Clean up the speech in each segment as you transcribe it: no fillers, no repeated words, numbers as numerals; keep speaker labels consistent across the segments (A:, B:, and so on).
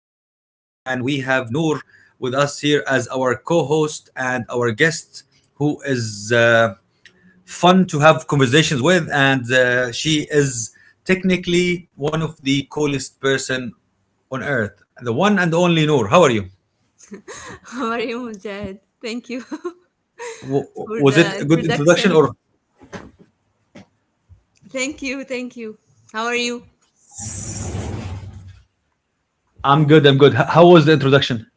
A: have Noor with us here as our co host and our guest, who is fun to have conversations with. And she is technically one of the coolest person on earth. The one and only Noor. How are you?
B: How are you, Mujahid? Thank you for
A: W- was it
B: the
A: a good introduction,
B: introduction.
A: or
B: Thank you, thank you. How are you?
A: I'm good? I'm good. How was the introduction?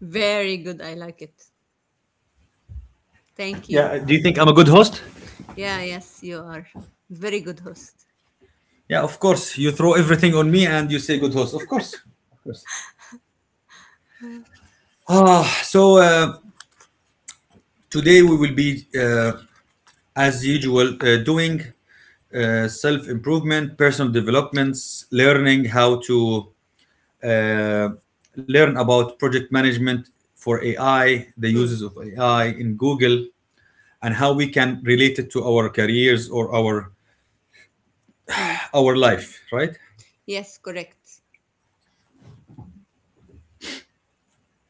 B: Very good. I like it. Thank
A: Yeah,
B: you.
A: do you think I'm a good host?
B: Yeah, yes, you are. Very good host.
A: Yeah, of course. You throw everything on me and you say good host. Of course. Of course. Ah, so uh, Today we will be, as usual, doing self improvement, personal developments, learning how to uh, learn about project management for AI, the
B: Mm,
A: uses of AI in Google, and how we can relate it to our careers or
B: mm.
A: our life. Right?
B: Yes, correct.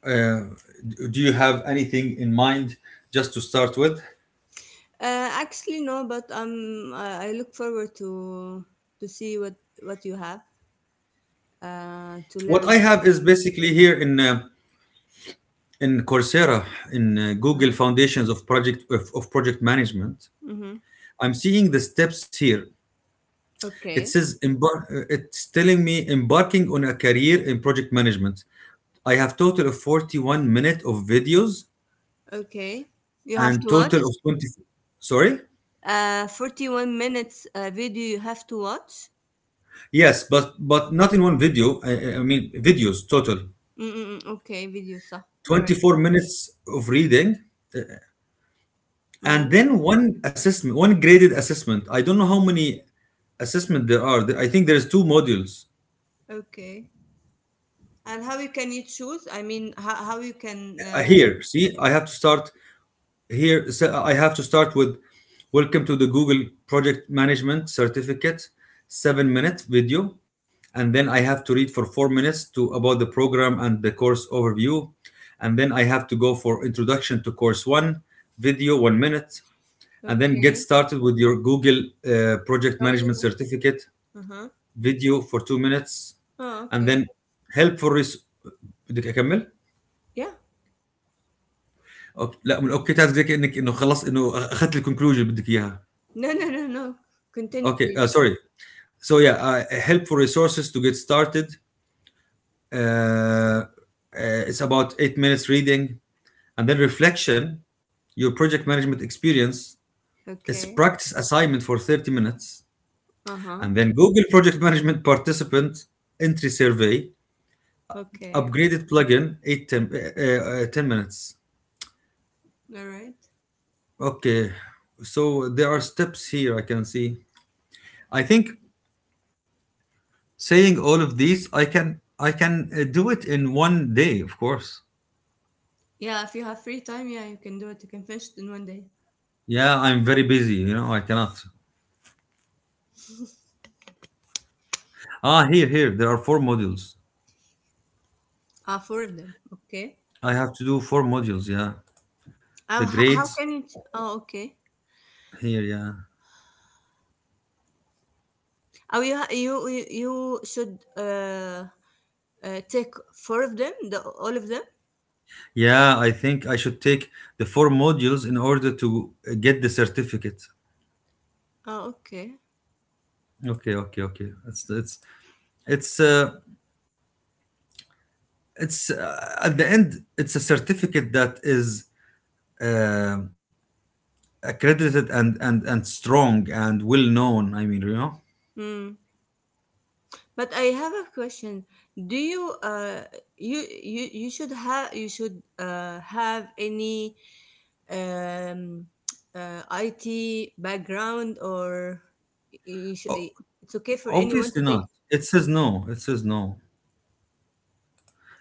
A: Uh, do you have anything in mind just to start with?
B: Actually, no, but I look forward to see what you have to
A: What I
B: learn.
A: have is basically here in Coursera, in Google
B: Uh-huh.
A: Foundations of Project Management.
B: Mm-hmm.
A: I'm seeing the steps here. It
B: Okay,
A: says it's telling me embarking on a career in project management. I have total of 41 minutes of videos
B: okay. You have
A: and
B: to watch
A: total of 20. Sorry.
B: 41 minutes video you have to watch.
A: Yes, but not in one video. I mean videos total.
B: Mm-mm, okay with you صح. All right.
A: 24 minutes of reading, and
B: Mm.
A: then one assessment, one graded assessment. I don't know how many assessment there are. I think there's two modules.
B: Okay, and how you can you choose, I mean, how you can
A: Here, see, I have to start here, so I have to start with welcome to the Google project management certificate, 7 minute video, and then I have to read for 4 minutes to about the program and the course overview, and then I have to go for introduction to course one, video 1 minute, and then get
B: okay,
A: started with your Google project
B: how
A: management
B: you-
A: certificate.
B: uh-huh,
A: فيديو for 2 minutes,
B: oh,
A: and then
B: okay,
A: helpful res بدِّك أكمّل؟
B: yeah,
A: أوك لأ من okay task دي كإنِّك إنه خلّص إنه أخذت الconclusion اللي بدِّك إياها.
B: no, no, no, no, continue
A: Okay
B: please.
A: آه sorry. So yeah, helpful resources to get started. It's about 8 minutes reading, and then reflection, your project management experience. It's
B: Okay,
A: practice assignment for 30 minutes,
B: uh-huh,
A: and then Google project management participant entry survey,
B: okay,
A: upgraded plugin, 8 10 10 minutes.
B: all right,
A: Okay, so there are steps here I can see. I think saying all of these, I can do it in one day, of course.
B: yeah, if you have free time, yeah, you can do it, you can finish it in one day.
A: Yeah, I'm very busy, you know, I cannot. Here, there are four modules.
B: Ah, four of them, okay.
A: I have to do four modules, yeah. The
B: Oh, how
A: grades
B: can you? Oh, okay.
A: here, yeah.
B: Oh, you should take four of them, the all of them.
A: Yeah, I think I should take the four modules in order to get the certificate.
B: Oh, okay.
A: Okay. It's uh, it's at the end, it's a certificate that is um accredited and strong and well known. I mean, you know,
B: Mm. But I have a question. Do you you you you should have any um IT background, or you should, it's okay for anyone
A: obviously
B: to take.
A: not. It says no. It says no.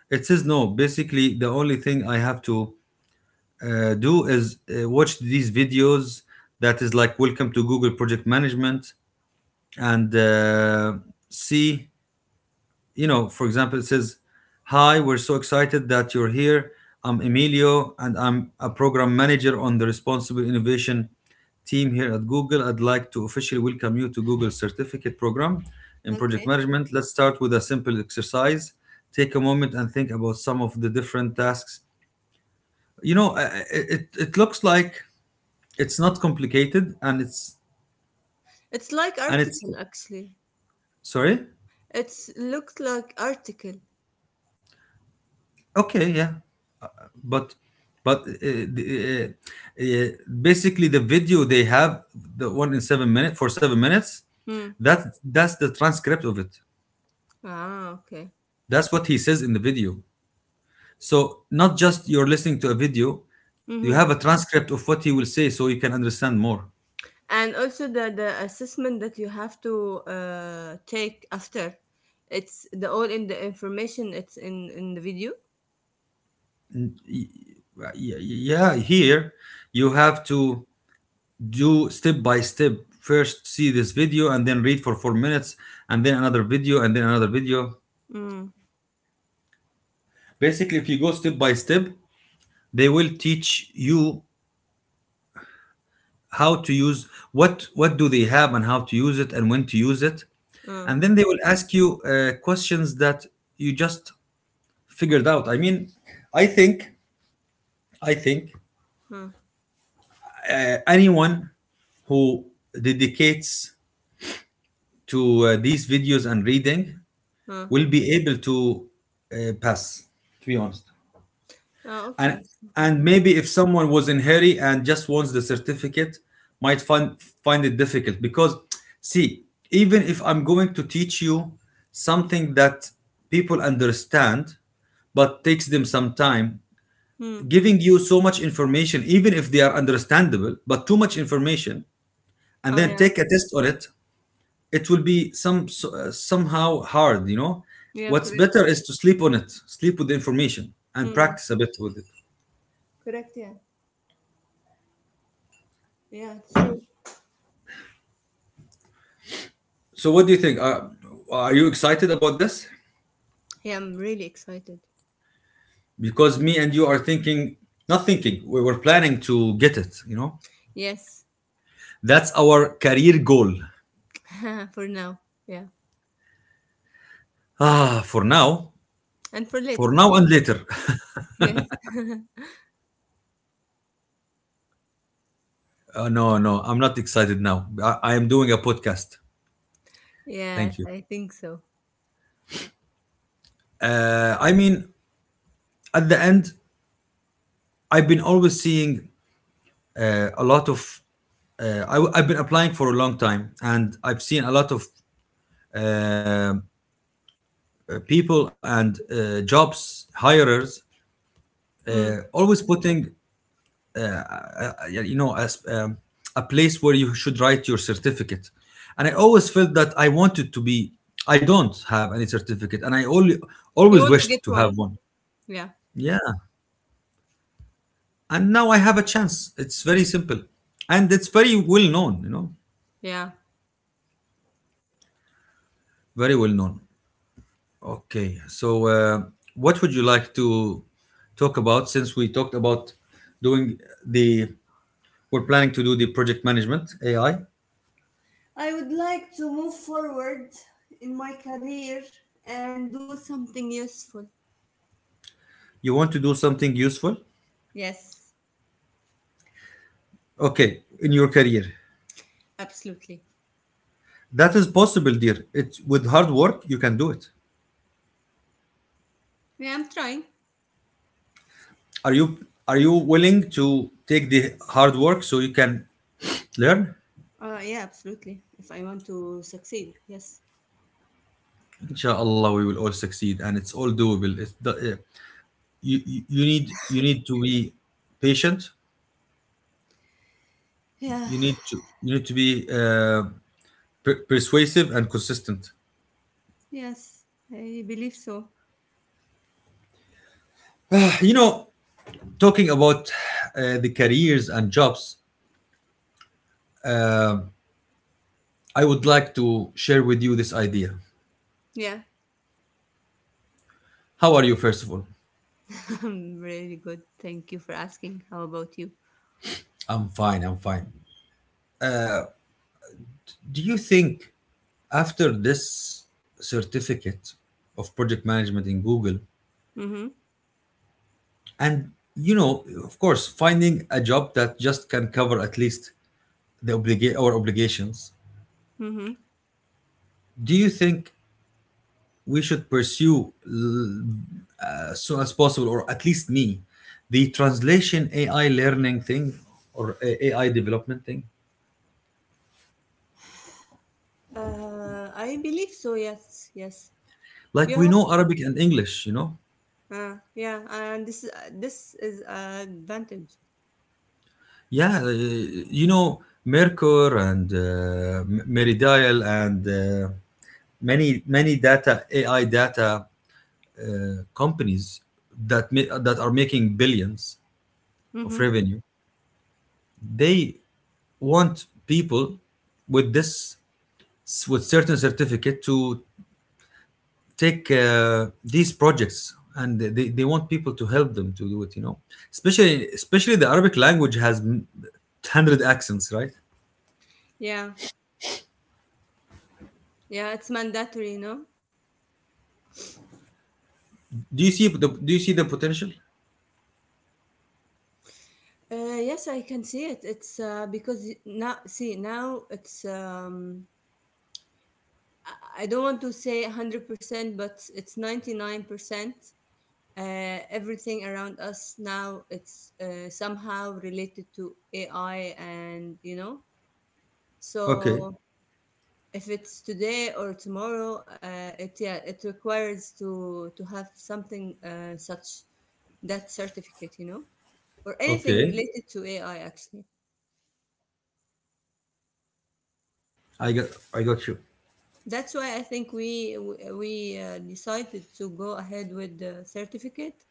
A: It says no. Basically, the only thing I have to do is watch these videos that is like welcome to Google Project Management, and see, you know, for example, it says, "Hi, we're so excited that you're here. I'm Emilio and I'm a program manager on the Responsible Innovation team here at Google. I'd like to officially welcome you to Google Certificate Program in Project
B: Okay.
A: Management. Let's start with a simple exercise. Take a moment and think about some of the different tasks." You know, it looks like it's not complicated and it's,
B: It's like
A: and it's,
B: article actually.
A: sorry?
B: It's looked like article.
A: Okay, yeah. but but basically the video they have the one in 7 minutes for 7 minutes,
B: Hmm.
A: that that's the transcript of it,
B: Ah, okay.
A: that's what he says in the video, so not just you're listening to a video, you
B: Mm-hmm.
A: have a transcript of what he will say so you can understand more.
B: And also the assessment that you have to take after, it's the all in the information, it's in the video.
A: Yeah, yeah, here you have to do step by step. First, see this video and then read for 4 minutes, and then another video, and then another video.
B: Mm.
A: Basically, if you go step by step, they will teach you how to use what do they have and how to use it and when to use it,
B: uh,
A: and then they will ask you questions that you just figured out. I mean, i think I think
B: uh,
A: anyone who dedicates to these videos and reading
B: uh.
A: will be able to pass, to be honest.
B: Oh,
A: and
B: okay.
A: and maybe if someone was in hurry and just wants the certificate might find it difficult because, see, even if I'm going to teach you something that people understand but takes them some time,
B: Hmm.
A: giving you so much information even if they are understandable but too much information, and
B: Oh,
A: then
B: yeah,
A: take a test on it, it will be somehow hard, you know.
B: yeah,
A: What's
B: correct.
A: better is to sleep on it, sleep with the information and
B: Hmm.
A: practice a bit with it.
B: Correct, yeah, yeah, it's true.
A: So, what do you think? Are you excited about this?
B: Yeah, I'm really excited.
A: Because me and you are thinking, not thinking, we were planning to get it, you know?
B: Yes.
A: That's our career goal.
B: For now, yeah,
A: Ah,
B: and for
A: for
B: later.
A: now and later.
B: Yes.
A: No, I'm not excited now. I am doing a podcast.
B: Yes,
A: Thank you.
B: I think so.
A: I mean, at the end, I've been always seeing a lot of. Uh, I have been applying for a long time, and I've seen a lot of uh, people and jobs hirers
B: Hmm.
A: always putting yeah, you know, as a place where you should write your certificate, and I always felt that I wanted to be, I don't have any certificate and I only
B: You
A: always
B: want to get
A: wished to have
B: one.
A: one.
B: Yeah,
A: Yeah, and now I have a chance. It's very simple and it's very well known, you know,
B: yeah.
A: very well known. Okay, so what would you like to talk about? Since we talked about doing the we're planning to do the project management AI,
B: I would like to move forward in my career and do something useful.
A: you want to do something useful.
B: Yes,
A: Okay, in your career.
B: absolutely.
A: That is possible, dear. It's with hard work you can do it.
B: Yeah, I'm trying.
A: Are you willing to take the hard work so you can learn?
B: Yeah, absolutely. If I want to succeed, yes.
A: Inshallah, we will all succeed, and it's all doable. It's the, you you you need to be patient.
B: Yeah,
A: You need to be persuasive and consistent.
B: yes, I believe so.
A: You know, talking about the careers and jobs, I would like to share with you this idea.
B: Yeah,
A: How are you, first of all?
B: I'm really good. Thank you for asking. How about you?
A: I'm fine. I'm fine. Do you think after this certificate of project management in Google,
B: Mm-hmm.
A: and you know, of course, finding a job that just can cover at least our obligations,
B: Mm-hmm.
A: do you think we should pursue as soon as possible, or at least me, the translation AI learning thing or AI development thing?
B: I believe so. Yes. Yes.
A: Like
B: You
A: we
B: have.
A: know Arabic and English, you know,
B: Yeah. And this is an advantage.
A: yeah, you know, Mercur and Meridial and many many data AI data uh, companies that are making billions of
B: Mm-hmm.
A: revenue. They want people with this, with certain certificate, to take these projects, and they want people to help them to do it, you know. Especially the arabic language has 100 accents, right?
B: Yeah. Yeah. It's mandatory, no?
A: Do you see the potential?
B: Yes, I can see it. It's because now, see, now it's, I don't want to say 100%, but it's 99%. Everything around us now, it's somehow related to AI and,
A: Okay,
B: so if it's today or tomorrow, it, yeah, it requires to have something such, that certificate, or anything
A: okay.
B: related to AI actually.
A: I got I got you.
B: That's why I think we decided to go ahead with the certificate,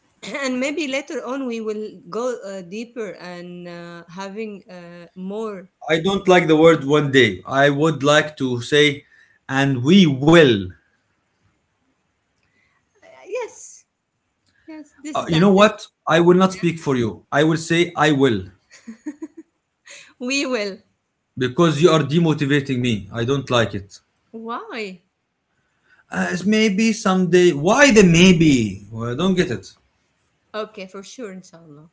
B: and maybe later on we will go deeper and having more.
A: I don't like the word one day. I would like to say, and we will.
B: Yes, yes, this is
A: You
B: that.
A: know
B: that-
A: what? I will not speak for you. I will say I will,
B: We will.
A: because you are demotivating me. I don't like it.
B: Why?
A: As maybe someday. Why the maybe? Well, I don't get it.
B: Okay, for sure, inshallah.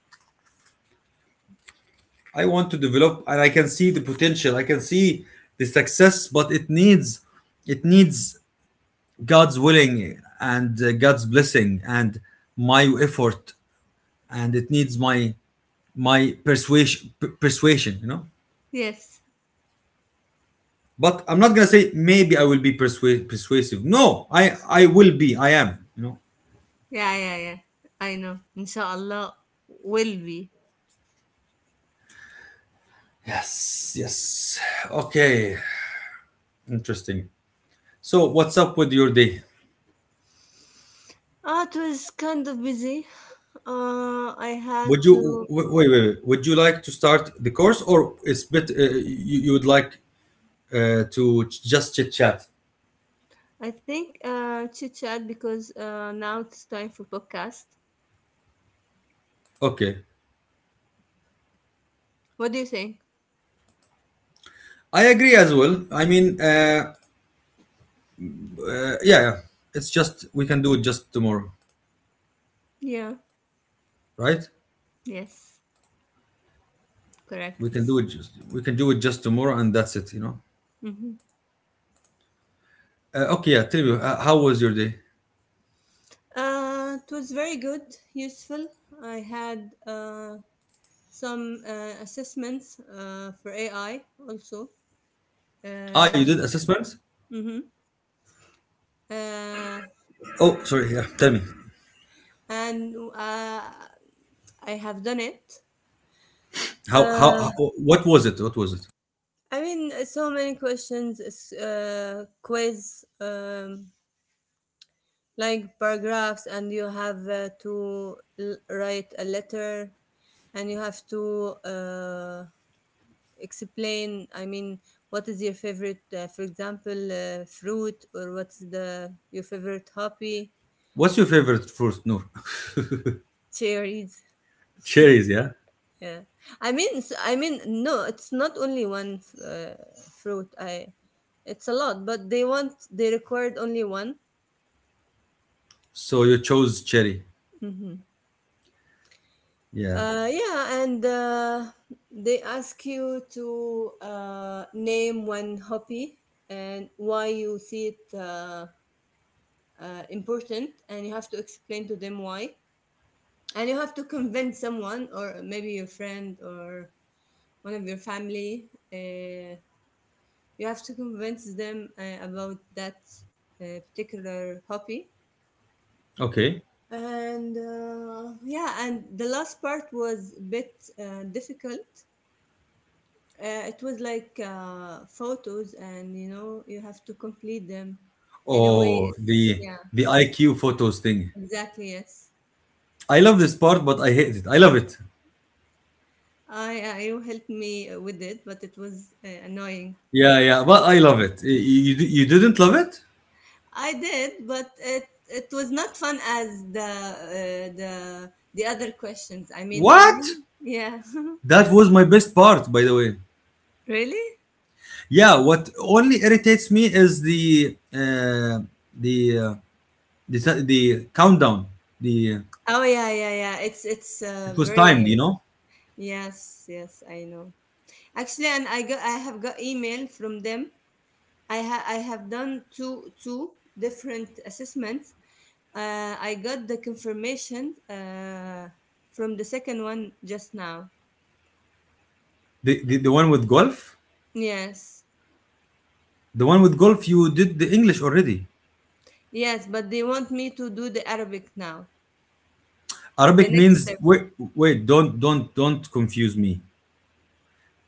A: I want to develop, and I can see the potential. I can see the success, but it needs God's willing and God's blessing and my effort, and it needs my persuasion, you know.
B: Yes.
A: But I'm not gonna say maybe I will be persuasive. No, I will be, I am, you know.
B: Yeah, yeah, yeah. I know. Inshallah will be.
A: Yes, yes. Okay. Interesting. So what's up with your day?
B: Ah, it was kind of busy. I had
A: Would you
B: to.
A: wait wait, wait. Would you like to start the course, or it's bit you, you would like just chit chat?
B: I think chit chat because now it's time for podcast.
A: Okay,
B: What do you think?
A: I agree as well. I mean, yeah, yeah, it's just we can do it just tomorrow,
B: Yeah.
A: right?
B: Yes. Correct.
A: We can do it just tomorrow and that's it, you know.
B: Mm-hmm.
A: Okay, yeah. Tell me, how was your day?
B: It was very good, useful. I had some assessments for AI also.
A: Ah, you
B: Uh,
A: did assessments?
B: mm-hmm. uh,
A: Oh, sorry. Yeah, tell me.
B: and I have done it. Uh,
A: How what was it? What was it?
B: I mean, so many questions, quiz. Like paragraphs, and you have to write a letter, and you have to explain, I mean, what is your favorite for example fruit, or what's the your favorite hobby.
A: What's your favorite fruit, Noor?
B: Cherries.
A: Cherries, yeah.
B: Yeah, I mean, I mean, no, it's not only one fruit, I it's a lot, but they required only one.
A: So you chose cherry.
B: Mm-hmm.
A: Yeah.
B: Yeah, and they ask you to name one hobby, and why you see it important, and you have to explain to them why. And you have to convince someone, or maybe your friend, or one of your family, you have to convince them about that particular hobby.
A: Okay.
B: And yeah, and the last part was a bit difficult. It was like photos, and you know you have to complete them in a way,
A: Oh,
B: it's,
A: the
B: yeah.
A: the IQ photos thing.
B: Exactly, yes.
A: I love this part, but I hate it. I love it.
B: I You helped me with it, but it was annoying.
A: Yeah, yeah, but I love it. You, didn't love it?
B: I did, but it was not fun as the the other questions, I mean, for me,
A: What?
B: yeah.
A: That was my best part, by the way.
B: Really?
A: Yeah, what only irritates me is the uh, the countdown. The
B: Oh yeah, yeah, yeah. It's
A: It was timed,
B: very.
A: you know.
B: Yes, yes, I know. Actually, and I have got email from them. I have done two different assessments. I got the confirmation from the second one just now.
A: The one with golf,
B: Yes,
A: the one with golf. You did the English already.
B: yes, but they want me to do the Arabic now. The
A: Arabic
B: next
A: means
B: step.
A: wait, wait. Don't confuse me.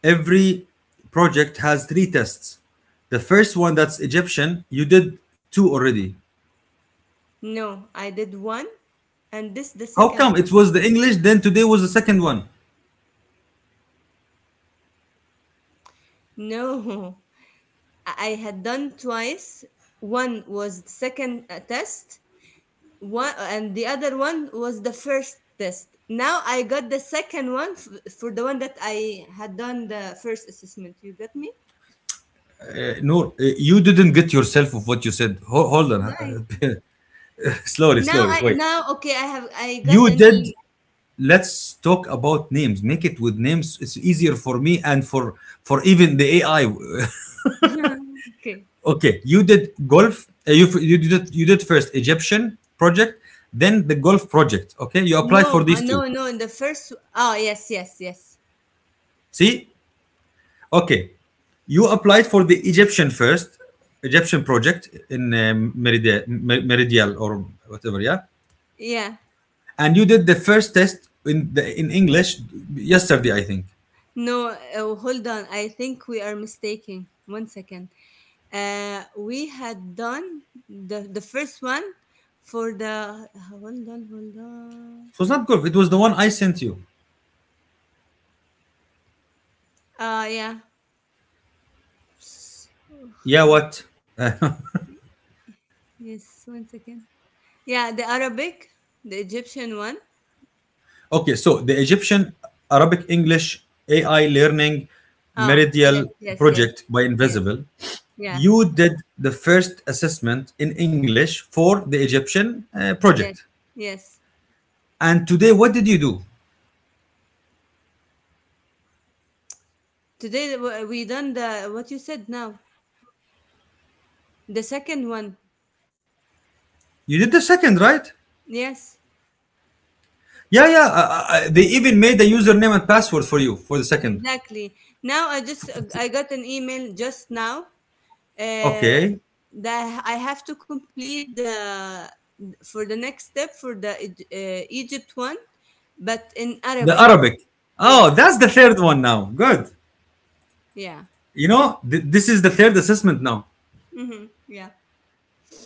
A: Every project has three tests. The first one, that's Egyptian. You did two already.
B: No, I did one, and this the
A: How
B: second
A: come
B: one.
A: it was the English? Then today was the second one.
B: No, I had done twice. One was the second test, one, and the other one was the first test. Now I got the second one for the one that I had done the first assessment. You got me?
A: Noor, you didn't get yourself of what you said. Hold on.
B: Why?
A: Slowly, slowly. Wait.
B: Now, okay, I got
A: You
B: an
A: did. Let's talk about names. Make it with names. It's easier for me and for even the AI.
B: email. Okay,
A: Okay. You did golf. You did you did first Egyptian project, then the golf project. Okay. You applied
B: no,
A: for these two.
B: no, no, in the first. Oh, yes, yes, yes.
A: See. Okay. You applied for the Egyptian first Egyptian project in Meridia, Meridial or whatever. Yeah.
B: Yeah,
A: And you did the first test in the in English yesterday, I think.
B: no, hold on, I think we are mistaken one second. We had done the first one for the hold on, hold on.
A: It was not Gulf. It was the one I sent you.
B: Yeah.
A: Yeah, what?
B: Yes, once again. Yeah, the Arabic, the Egyptian one.
A: Okay, so the Egyptian Arabic English AI Learning
B: Ah,
A: Meridial
B: yes, yes, yes,
A: project by
B: yes,
A: Invisible.
B: yeah,
A: You did the first assessment in English for the Egyptian
B: yes,
A: project.
B: yes.
A: And today, what did you do?
B: Today, we done the what you said now. The second one.
A: You did the second, right?
B: Yes,
A: Yeah, yeah. They even made a username and password for you for the second.
B: exactly. Now, I got an email just now. Uh,
A: Okay.
B: that I have to complete the for the next step for the Egypt one, but in
A: The
B: Arabic.
A: Arabic. Oh,
B: Yes,
A: that's the third one now. Good.
B: yeah,
A: You know, this is the third assessment now.
B: mm-hmm, yeah.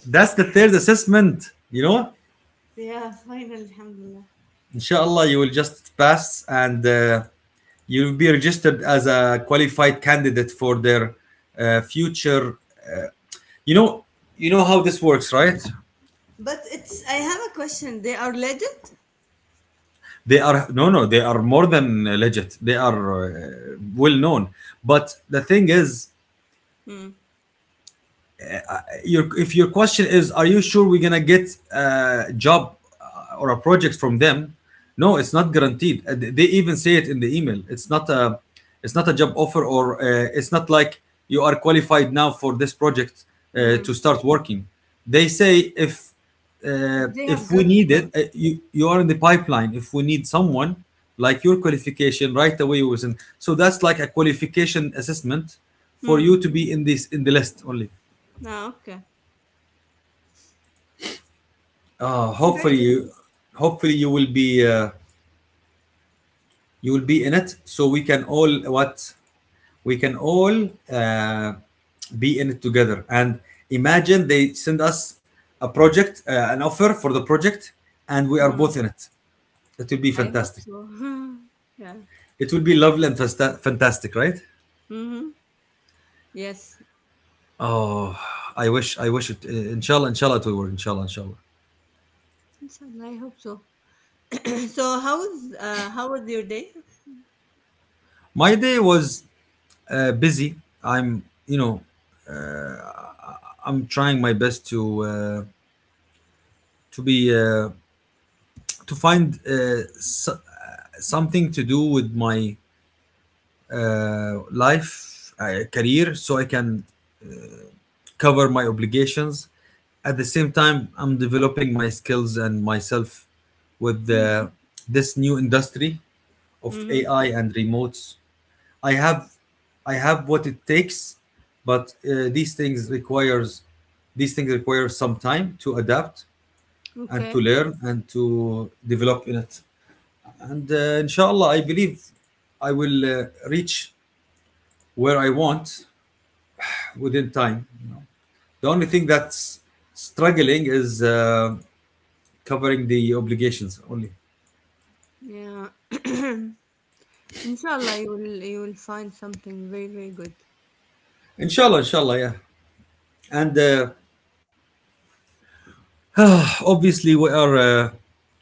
A: That's the third assessment, you know
B: Yeah, finally, alhamdulillah.
A: inshallah you will just pass and you'll be registered as a qualified candidate for their future you know. You know how this works, right?
B: But it's, I have a question. They are legend?
A: They are, no, no, they are more than legit. They are well known, but the thing is,
B: Hmm.
A: your, if your question is are you sure we're gonna get a job or a project from them, no,
B: Hmm.
A: it's not guaranteed. They even say it in the email. It's not a, it's not a job offer, or it's not like you are qualified now for this project to
B: Hmm.
A: start working. They say
B: If they
A: if
B: have
A: we
B: got
A: need
B: one.
A: it, you are in the pipeline. If we need someone like your qualification right away, was in. So that's like a qualification assessment for you
B: Hmm.
A: to be in this in the list only.
B: Ah, okay.
A: Uh,
B: Very
A: hopefully
B: good.
A: you, hopefully you will be in it, so we can all what, we can all be in it together. And imagine they send us a project, an offer for the project, and we are
B: Hmm.
A: both in it. It will be
B: I hope
A: fantastic.
B: so. Yeah.
A: It will be lovely and fantastic, right?
B: Mm-hmm. Yes.
A: Oh, I wish it. Inshallah, inshallah, it will work. Inshallah, inshallah.
B: Inshallah, I hope so. So, how was your day?
A: My day was busy. I'm, you know, I'm trying my best to be to find so, something to do with my life, career, so I can cover my obligations. At the same time, I'm developing my skills and myself with
B: Mm-hmm.
A: this new industry of
B: Mm-hmm.
A: AI and remotes. I have, I have what it takes, but these things require some time to adapt and to
B: Okay.
A: learn and to develop in it. And inshallah, I believe I will reach where I want within time, you know. The only thing that's struggling is covering the obligations only.
B: Yeah. Inshallah, you will find something very, very good.
A: Inshallah, inshallah, yeah. And obviously we are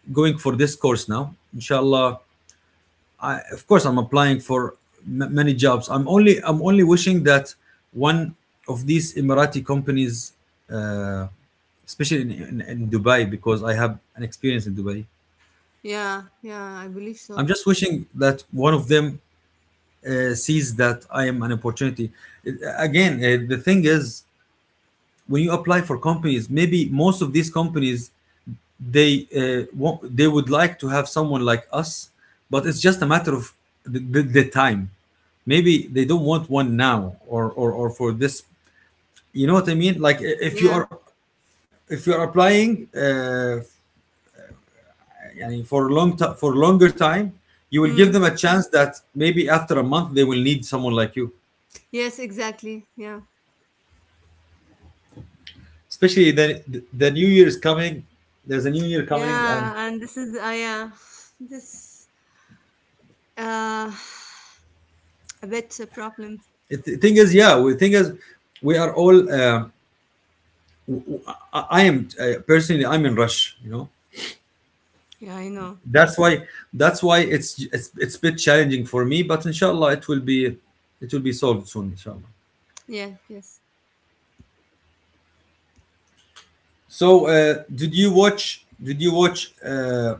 A: going for this course now, inshallah. Of course, I'm applying for many jobs. I'm only wishing that one of these Emirati companies, uh, especially in Dubai, because I have an experience in Dubai.
B: Yeah. Yeah, I believe
A: I'm
B: so.
A: just wishing that one of them sees that I am an opportunity. It- Again, the thing is, when you apply for companies, maybe most of these companies, they they would like to have someone like us, but it's just a matter of the time. Maybe they don't want one now, or for this. You know what I mean? Like, if you
B: Yeah.
A: are, if you are applying yani for a long time, for longer time, you will give
B: Mm.
A: them a chance that maybe after a month they will need someone like you.
B: Yes. Exactly. Yeah.
A: Especially the new year is coming. There's a new year coming. And
B: Yeah, and this is yeah, this uh, a bit a problem.
A: the thing is, yeah, the thing is, we are all um, I am, personally, I'm in rush. You know,
B: Yeah, I know.
A: that's why, that's why it's a bit challenging for me. But inshallah, it will be, it will be solved soon. Inshallah.
B: Yeah, yes.
A: So, did you watch,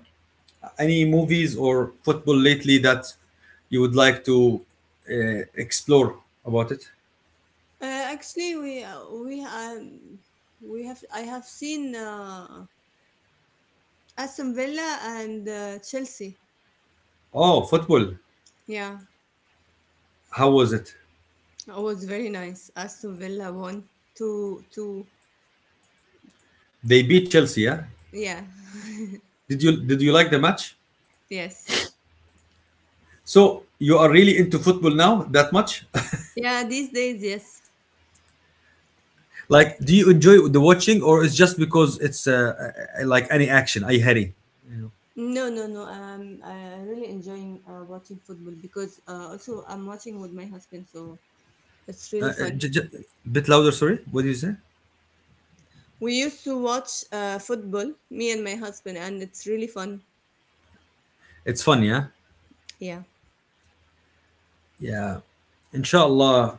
A: any movies or football lately that you would like to explore about it?
B: Actually, we have I have seen Aston Villa and Chelsea.
A: Oh, football.
B: Yeah,
A: How was it?
B: it was very nice. Aston Villa won 2-2.
A: They beat Chelsea. Yeah.
B: Yeah,
A: Did you like the match?
B: yes.
A: So you are really into football now that much?
B: Yeah, these days, yes.
A: Like, do you enjoy the watching, or it's just because it's like any action? I hurry.
B: No, no, no. I really enjoying watching football, because also I'm watching with my husband, so it's
A: Uh,
B: really
A: uh,
B: fun.
A: j- j- Bit louder, sorry. What do you say?
B: We used to watch football, me and my husband, and it's really fun.
A: It's fun, yeah,
B: Yeah,
A: yeah. Inshallah,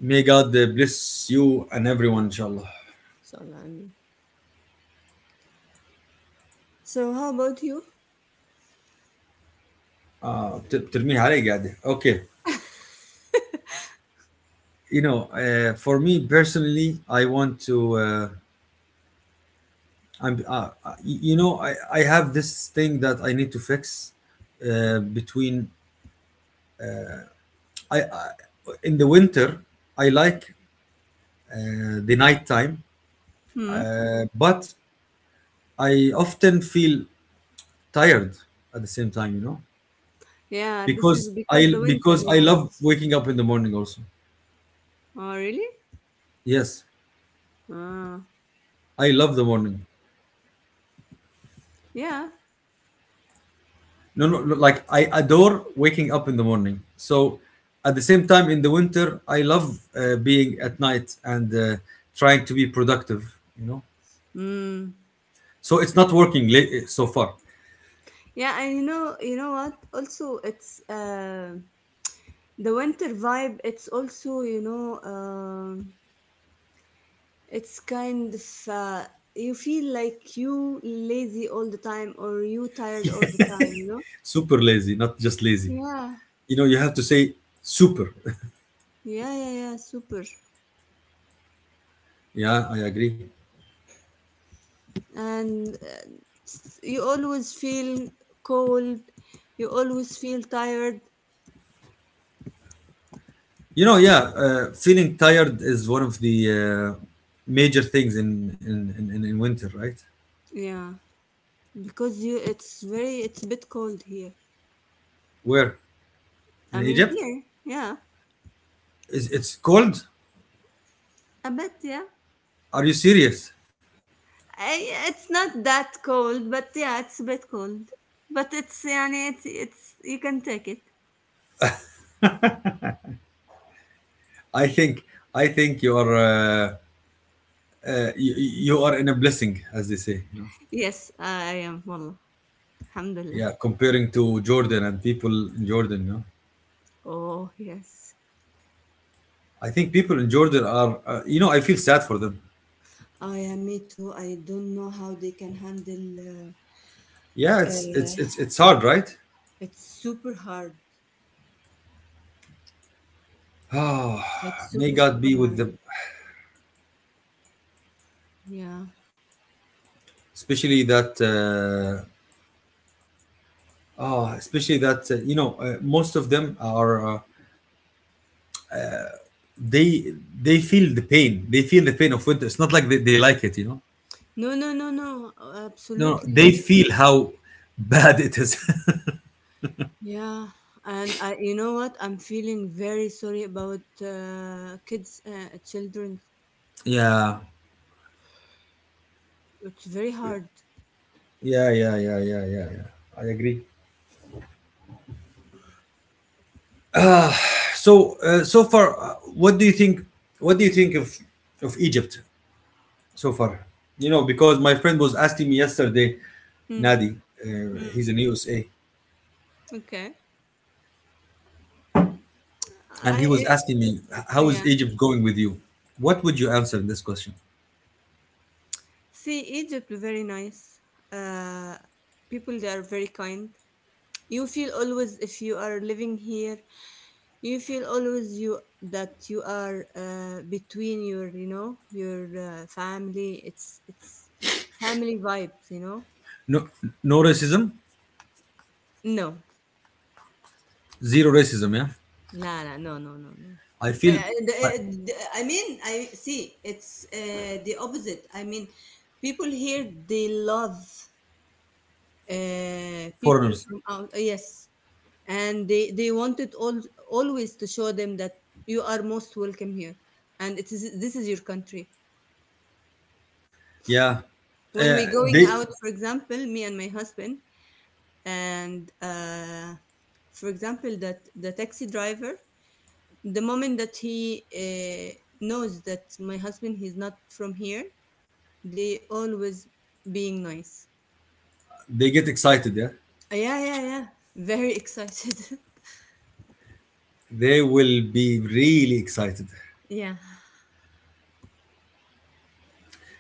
A: may God bless you and everyone. Inshallah.
B: inshallah. I mean. So, how about you?
A: آه، بت- بترميها علي قاعدة. Okay. You know, for me personally, I want to. I'm. You know, I have this thing that I need to fix. Between I, in the winter, I like the nighttime.
B: Hmm.
A: But I often feel tired at the same time, you know,
B: Yeah, this
A: because
B: is because
A: I,
B: the winter.
A: because I
B: Yeah.
A: love waking up in the morning also.
B: Oh, really?
A: Yes,
B: Ah.
A: I love the morning.
B: Yeah.
A: No, no, no, like I adore waking up in the morning. So at the same time, in the winter, I love being at night and trying to be productive, you know.
B: Hmm.
A: So it's not working so far.
B: Yeah, and you know what? Also, it's the winter vibe. It's also, it's kind of uh, you feel like you lazy all the time, or you tired all the time, you know?
A: Super lazy, not just lazy.
B: Yeah.
A: You know, you have to say super.
B: Yeah, yeah, yeah, super.
A: Yeah, I agree.
B: And you always feel cold. You always feel tired.
A: You know, yeah, feeling tired is one of the uh, major things in in winter, right?
B: Yeah, because you it's a bit cold here.
A: Where?
B: I
A: In
B: mean
A: Egypt?
B: here, yeah,
A: Is it's cold?
B: a bit, yeah.
A: Are you serious?
B: It's not that cold, but yeah, it's a bit cold. But it's يعني it's you can take it.
A: I think, I think you are you, you are in a blessing, as they say. You know?
B: Yes, I am. والله الحمد
A: Yeah,
B: لله.
A: comparing to Jordan and people in Jordan, you know,
B: Oh yes.
A: I think people in Jordan are, you know, I feel sad for them.
B: Oh yeah, me too. I don't know how they can handle.
A: Yeah,
B: Uh,
A: it's
B: uh,
A: it's it's it's hard, right?
B: It's super hard.
A: Oh,
B: It's
A: may
B: super,
A: God
B: super
A: be with
B: hard.
A: them,
B: Yeah.
A: especially that ah, especially that you know, most of them are they they feel the pain. They feel the pain of winter. It's not like they like it, you know.
B: No, no, no, no.
A: No, no,
B: Absolutely.
A: they feel how bad it is.
B: Yeah. And I, you know what? I'm feeling very sorry about kids, children.
A: Yeah,
B: It's very hard.
A: yeah, yeah, yeah, yeah, yeah, yeah. I agree. So so far, what do you think? What do you think of Egypt so far? You know, because my friend was asking me yesterday,
B: Mm,
A: Nadi,
B: mm,
A: he's in USA,
B: okay.
A: and he was
B: I,
A: asking me, "H- "how is
B: yeah.
A: Egypt going with you? What would you answer in this question?
B: See, Egypt, very nice. Uh, people, they are very kind. You feel always, if you are living here, you feel always, you that you are between your you know your family. It's family vibes, you know.
A: No, no racism,
B: No,
A: zero racism. Yeah,
B: la, la, no, no, no, no.
A: I feel
B: Uh, the-
A: uh,
B: I mean, I see it's the opposite. I mean, people here they love people
A: foreigners.
B: from out, yes. And they wanted all always to show them that you are most welcome here, and it is this is your country.
A: Yeah,
B: When we're
A: uh,
B: going
A: they
B: out, for example, me and my husband, and for example, that the taxi driver, the moment that he knows that my husband, he's not from here, they always being nice.
A: they get excited. Yeah,
B: Yeah, yeah, yeah, very excited.
A: they will be really excited.
B: Yeah.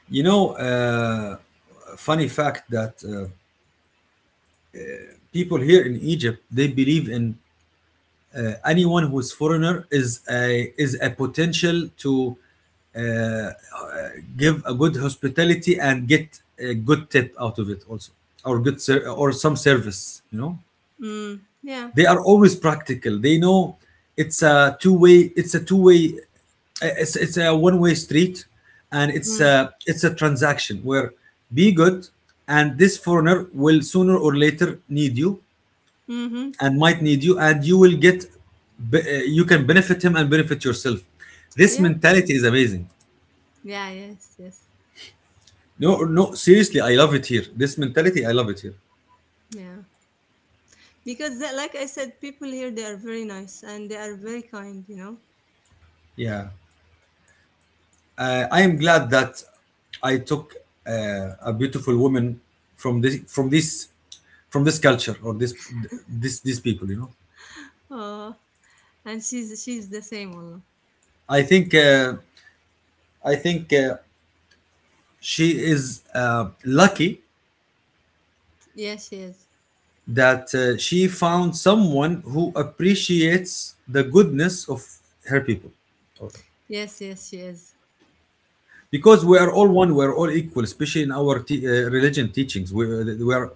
A: You know, funny fact that people here in Egypt, they believe in anyone who is foreigner is a, is a potential to uh, uh, give a good hospitality and get a good tip out of it also, or good or some service. You know.
B: Mm, yeah,
A: They are always practical. They know it's a two way, it's a one way street, and it's
B: mm,
A: a, it's a transaction where be good, and this foreigner will sooner or later need you
B: mm-hmm.
A: and might need you, and you will get, you can benefit him and benefit yourself. This
B: Yeah,
A: mentality is amazing.
B: yeah, yes, yes,
A: No, no, seriously, I love it here. This mentality, I love it here.
B: yeah, because that, like I said, people here, they are very nice, and they are very kind, you know.
A: Yeah, I am glad that I took a beautiful woman from this, from this culture, or this, these people. You know,
B: Oh. And she's the same والله.
A: I think uh, I think she is lucky
B: Yes, she is.
A: that she found someone who appreciates the goodness of her people.
B: Yes, yes, she is.
A: Because we are all one, we are all equal, especially in our religion teachings, we are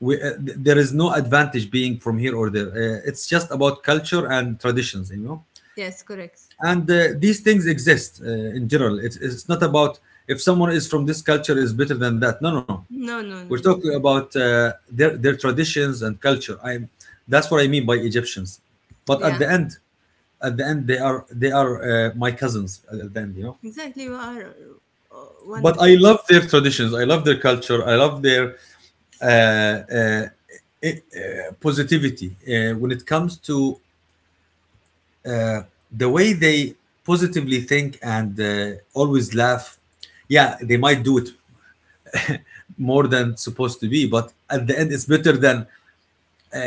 A: we, there is no advantage being from here or there. It's just about culture and traditions, you know.
B: Yes, correct.
A: And these things exist in general. It's not about if someone is from this culture is better than that. No, no,
B: No, no,
A: we're
B: no, no.
A: talking about their traditions and culture. I That's what I mean by Egyptians. But
B: Yeah,
A: at the end, at the end, they are, they are my cousins at the end, you know.
B: exactly. We are uh, one.
A: But I love their traditions. I love their culture. I love their uh, uh, positivity when it comes to the way they positively think and always laugh. Yeah, they might do it more than supposed to be, but at the end, it's better than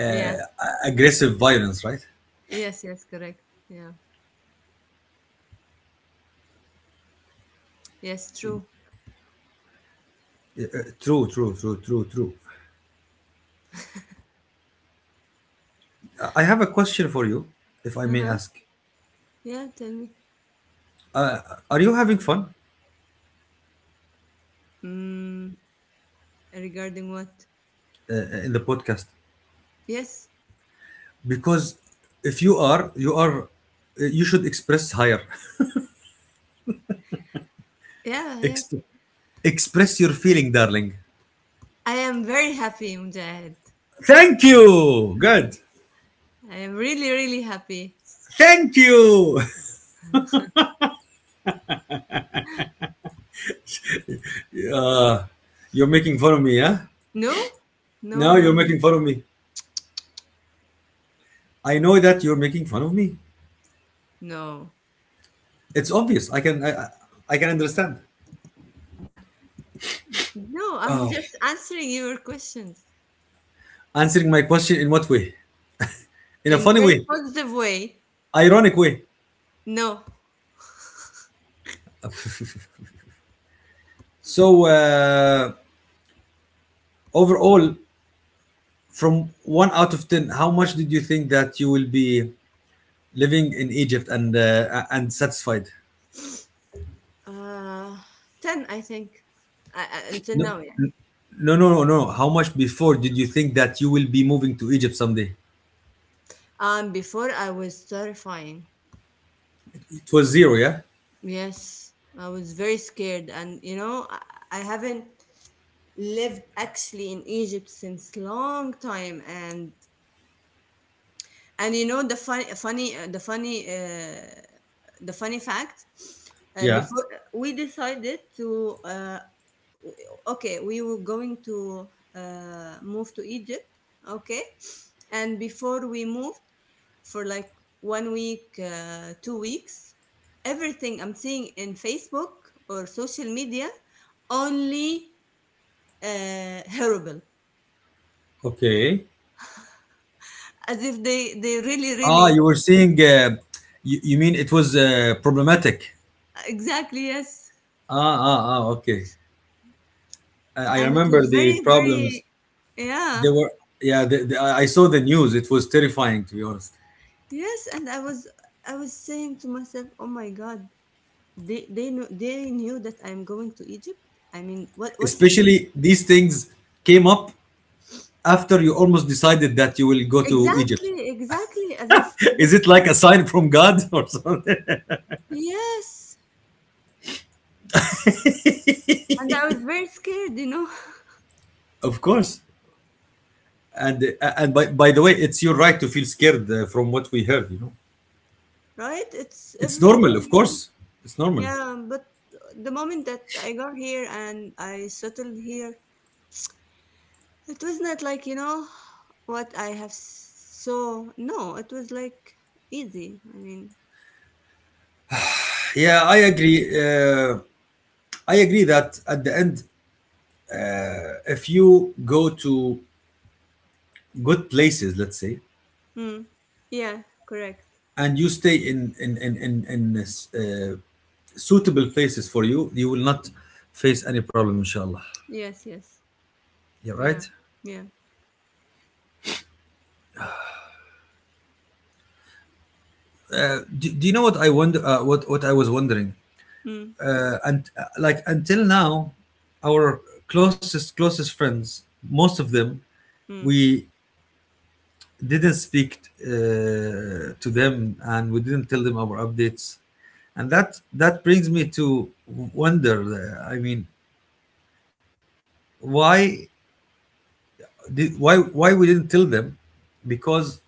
B: Yeah.
A: aggressive violence, right?
B: Yes, yes, correct. Yeah. Yes, true.
A: True. I have a question for you, if I may
B: Uh-huh.
A: ask.
B: Yeah, tell me.
A: Are you having fun
B: Mm, regarding what?
A: uh, in the podcast?
B: Yes.
A: Because if you are, you should express higher.
B: Yeah, yes.
A: Ex- Express your feeling, darling.
B: I am very happy, Mujahid.
A: Thank you. Good.
B: I am really, really happy.
A: Thank you. uh, you're making fun of me, huh?
B: No? No,
A: Now
B: no,
A: you're
B: no.
A: making fun of me. I know that you're making fun of me.
B: No.
A: It's obvious. I I can understand.
B: No, I'm
A: Oh.
B: just answering your questions.
A: Answering my question in what way? In a
B: In
A: funny
B: very
A: way?
B: positive way.
A: Ironic way?
B: No.
A: So overall, from 1 out of 10, how much did you think that you will be living in Egypt and satisfied?
B: uh 10, I think. I, until
A: No,
B: now, yeah.
A: no, no, no, no. How much before did you think that you will be moving to Egypt someday?
B: Before, I was terrifying.
A: It was zero, yeah,
B: Yes, I was very scared, and you know I haven't lived actually in Egypt since long time, and you know the funny funny the funny the funny fact.
A: yeah.
B: Before we decided to okay, we were going to move to Egypt. Okay. And before we moved for like 1 week, 2 weeks, everything I'm seeing in Facebook or social media, only horrible.
A: Okay.
B: As if they really
A: Ah,
B: really.
A: you were saying. You mean it was problematic?
B: Exactly, yes.
A: Ah, ah, ah. Okay. I
B: And it was
A: remember the
B: very very.
A: problems.
B: Yeah.
A: They were. Yeah, the, I saw the news. It was terrifying, to be honest.
B: Yes, and I was, I was saying to myself, oh my god, they knew, they knew that I'm going to Egypt. I mean, what's this?
A: Especially these things came up after you almost decided that you will go to Egypt.
B: Exactly, exactly. As if, as if.
A: Is it like a sign from God or something?
B: Yes. And I was very scared, you know.
A: Of course. And by the way, it's your right to feel scared from what we heard. You know,
B: Right? It's
A: it's normal. Of
B: everything.
A: course, it's normal.
B: Yeah, but the moment that I got here and I settled here, it was not like, you know, what I have. So no, it was like easy. I mean,
A: Yeah, I agree. I agree that at the end, if you go to good places, let's say,
B: hmm. Yeah, correct.
A: and you stay in suitable places for you, you will not face any problem, inshallah.
B: Yes, yes.
A: Yeah, right.
B: Yeah, yeah.
A: Do you know what I wonder? What I was wondering?
B: Hmm.
A: And Like, until now, our closest friends, most of them,
B: Hmm.
A: we didn't speak uh, to them, and we didn't tell them our updates. And that, that brings me to wonder. I mean, why did, why why we didn't tell them, because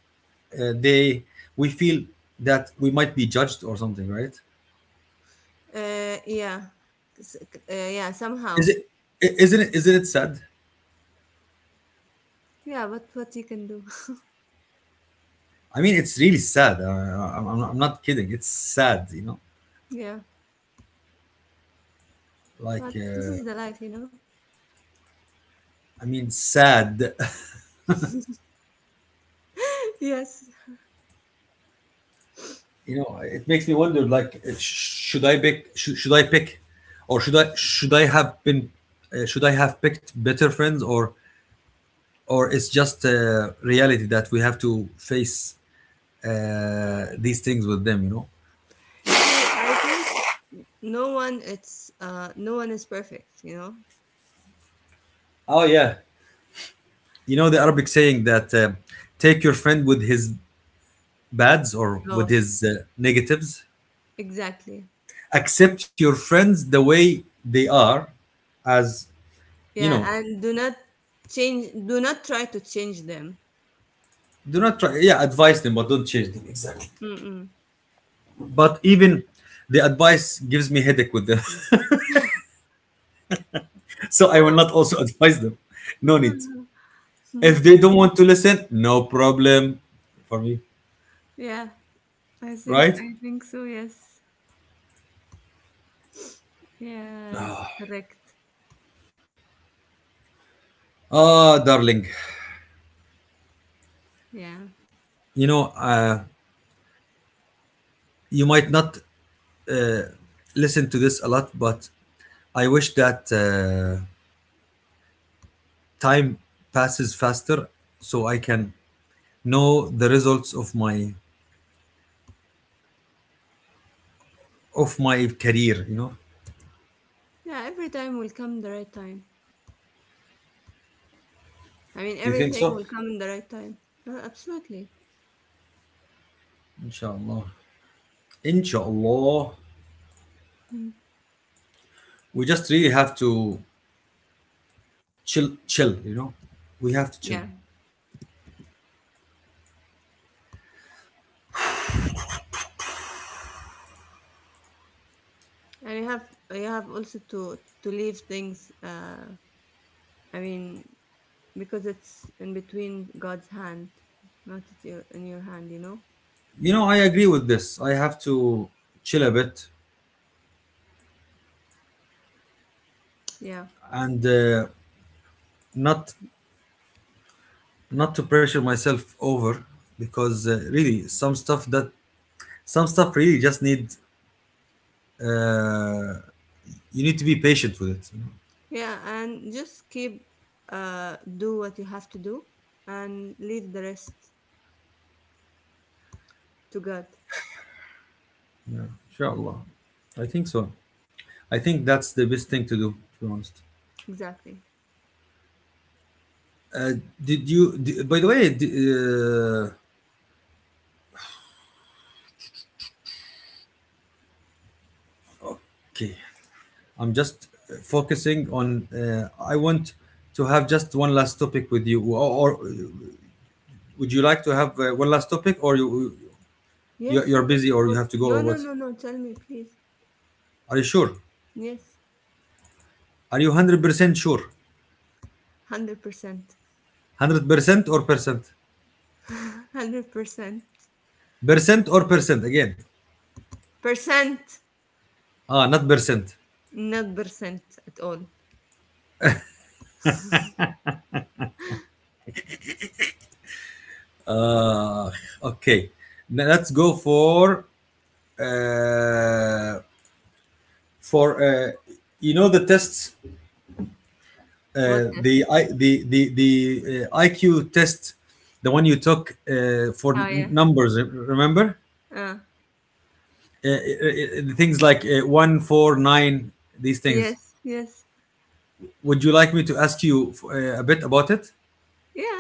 A: they, we feel that we might be judged or something, right?
B: Yeah, S- yeah.
A: is
B: Somehow,
A: it i- isn't it isn't it sad?
B: yeah. But what you can do.
A: I mean, it's really sad. I'm not kidding. It's sad, you know.
B: Yeah.
A: Like,
B: But this is the life, you know.
A: I mean, sad.
B: Yes.
A: You know, it makes me wonder. Like, Should I pick, or should I? Should I have been? Should I have picked better friends, or it's just reality that we have to face these things with them? You know.
B: See, I think no one. It's no one is perfect, you know.
A: Oh yeah. You know the Arabic saying that take your friend with his bads or with
B: Lost.
A: his negatives.
B: Exactly.
A: Accept your friends the way they are, as you
B: Yeah,
A: know.
B: and do not change. Do not try to change them.
A: Do not try, yeah, advise them but don't change them, exactly.
B: Mm-mm.
A: But even the advice gives me headache with them. So I will not also advise them. No need.
B: Ah. Hmm.
A: If they don't want to listen, no problem for me,
B: Yeah,
A: right?
B: I think so. Yes. Yes. Correct.
A: Ah, darling,
B: Yeah.
A: you know, you might not listen to this a lot, but I wish that time passes faster, so I can know the results of my career, you know.
B: Yeah. Every time will come the right time. I mean,
A: You think
B: everything
A: so?
B: will come in the right time. Absolutely.
A: Inshallah. Inshallah.
B: Mm.
A: We just really have to chill, chill, you know. We have to chill.
B: Yeah, and you have also to leave things. I mean, because it's in between God's hand, not at your in your hand. You know.
A: You know, I agree with this. I have to chill a bit,
B: Yeah,
A: and not not to pressure myself over, because really, some stuff really just need, uh, you need to be patient with it. You know?
B: yeah, and just keep do what you have to do, and leave the rest to God.
A: Inshallah. I think so. I think that's the best thing to do, to be honest.
B: Exactly.
A: Did you, d by the way, d- Okay, I'm just focusing on. I want to have just one last topic with you, or would you like to have one last topic, or you,
B: Yes,
A: you're
B: yes,
A: busy,
B: of
A: or you have
B: course.
A: to go, or
B: No, no,
A: what?
B: no, no. Tell me, please.
A: Are you sure?
B: Yes,
A: Are you 100% sure?
B: 100%.
A: 100% or percent?
B: 100%,
A: Percent or percent again?
B: percent.
A: Ah, not percent.
B: Not percent at all.
A: Uh, okay. Now let's go for uh, for uh, you know, the tests,
B: What
A: uh,
B: else?
A: the I, the IQ test, the one you took for
B: Oh yeah.
A: numbers. Remember,
B: Uh,
A: things like one, four, nine. These things.
B: yes, yes.
A: Would you like me to ask you a bit about it?
B: Yeah.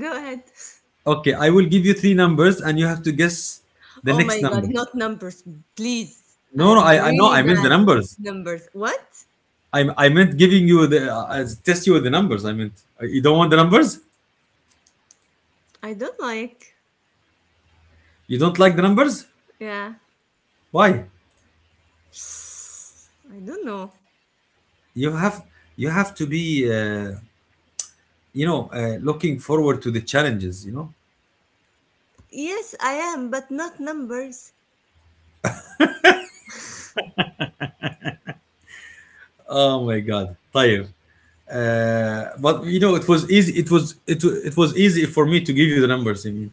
B: Go ahead.
A: Okay, I will give you three numbers, and you have to guess the
B: Oh
A: next
B: my god,
A: number.
B: not numbers, please. I'm
A: No, I
B: really
A: meant
B: bad
A: the
B: at
A: numbers.
B: numbers. What?
A: I meant giving you the test, you with the numbers. I meant, uh, you don't want the numbers.
B: I don't like.
A: You don't like the numbers.
B: Yeah.
A: Why?
B: I don't know.
A: You have you have to be. Uh, you know, looking forward to the challenges, you know.
B: Yes, I am, but not numbers.
A: Oh my god. طيب. Uh, but you know, it was easy. It was easy for me to give you the numbers, I mean,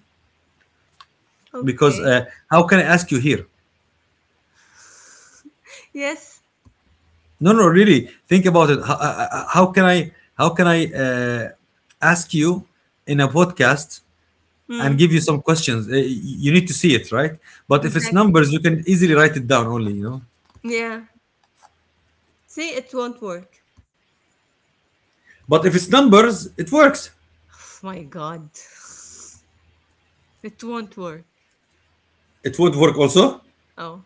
A: because
B: Okay.
A: how can I ask you here?
B: Yes.
A: No, no, really, think about it. How, how can I ask you in a podcast and
B: Mm,
A: give you some questions? You need to see it, right? But if it's
B: exactly.
A: numbers, you can easily write it down only, you know.
B: Yeah. See, it won't work.
A: But if it's numbers, it works.
B: My god. It won't work.
A: It would work also.
B: Oh.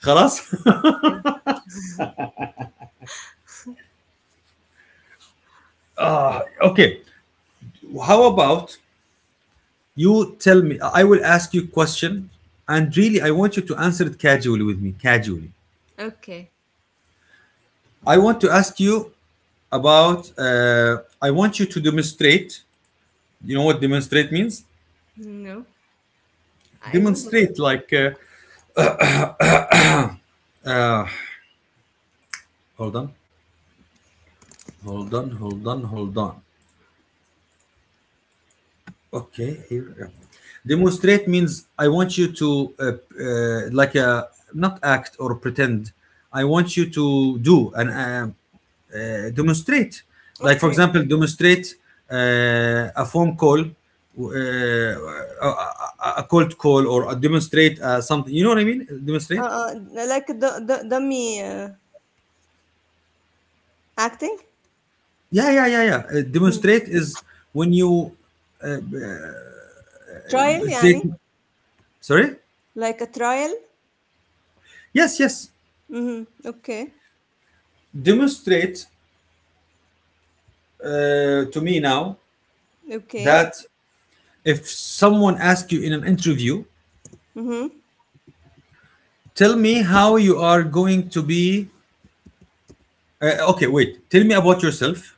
A: خلاص.
B: Yes.
A: Okay. How about you tell me? I will ask you a question, and really, I want you to answer it casually with me. Casually,
B: Okay.
A: I want to ask you about. I want you to demonstrate. You know what demonstrate means?
B: No, I know the word.
A: Demonstrate, like. Hold on, hold on. Okay, here we go. Demonstrate means I want you to, uh, like, a, not act or pretend. I want you to do and demonstrate. Like, for
B: Okay,
A: example,
B: okay.
A: demonstrate a phone call, uh, a, a a cold call, or a demonstrate something. You know what I mean?
B: uh,
A: Demonstrate.
B: uh, like the dummy acting.
A: Yeah.
B: Mm.
A: Demonstrate is when you
B: Trial
A: say,
B: يعني.
A: sorry?
B: Like a trial.
A: Yes, yes.
B: Mm-hmm. Okay.
A: Demonstrate to me now
B: Okay.
A: that if someone asks you in an interview,
B: Mm-hmm.
A: tell me how you are going to be. Okay, wait. Tell me about yourself.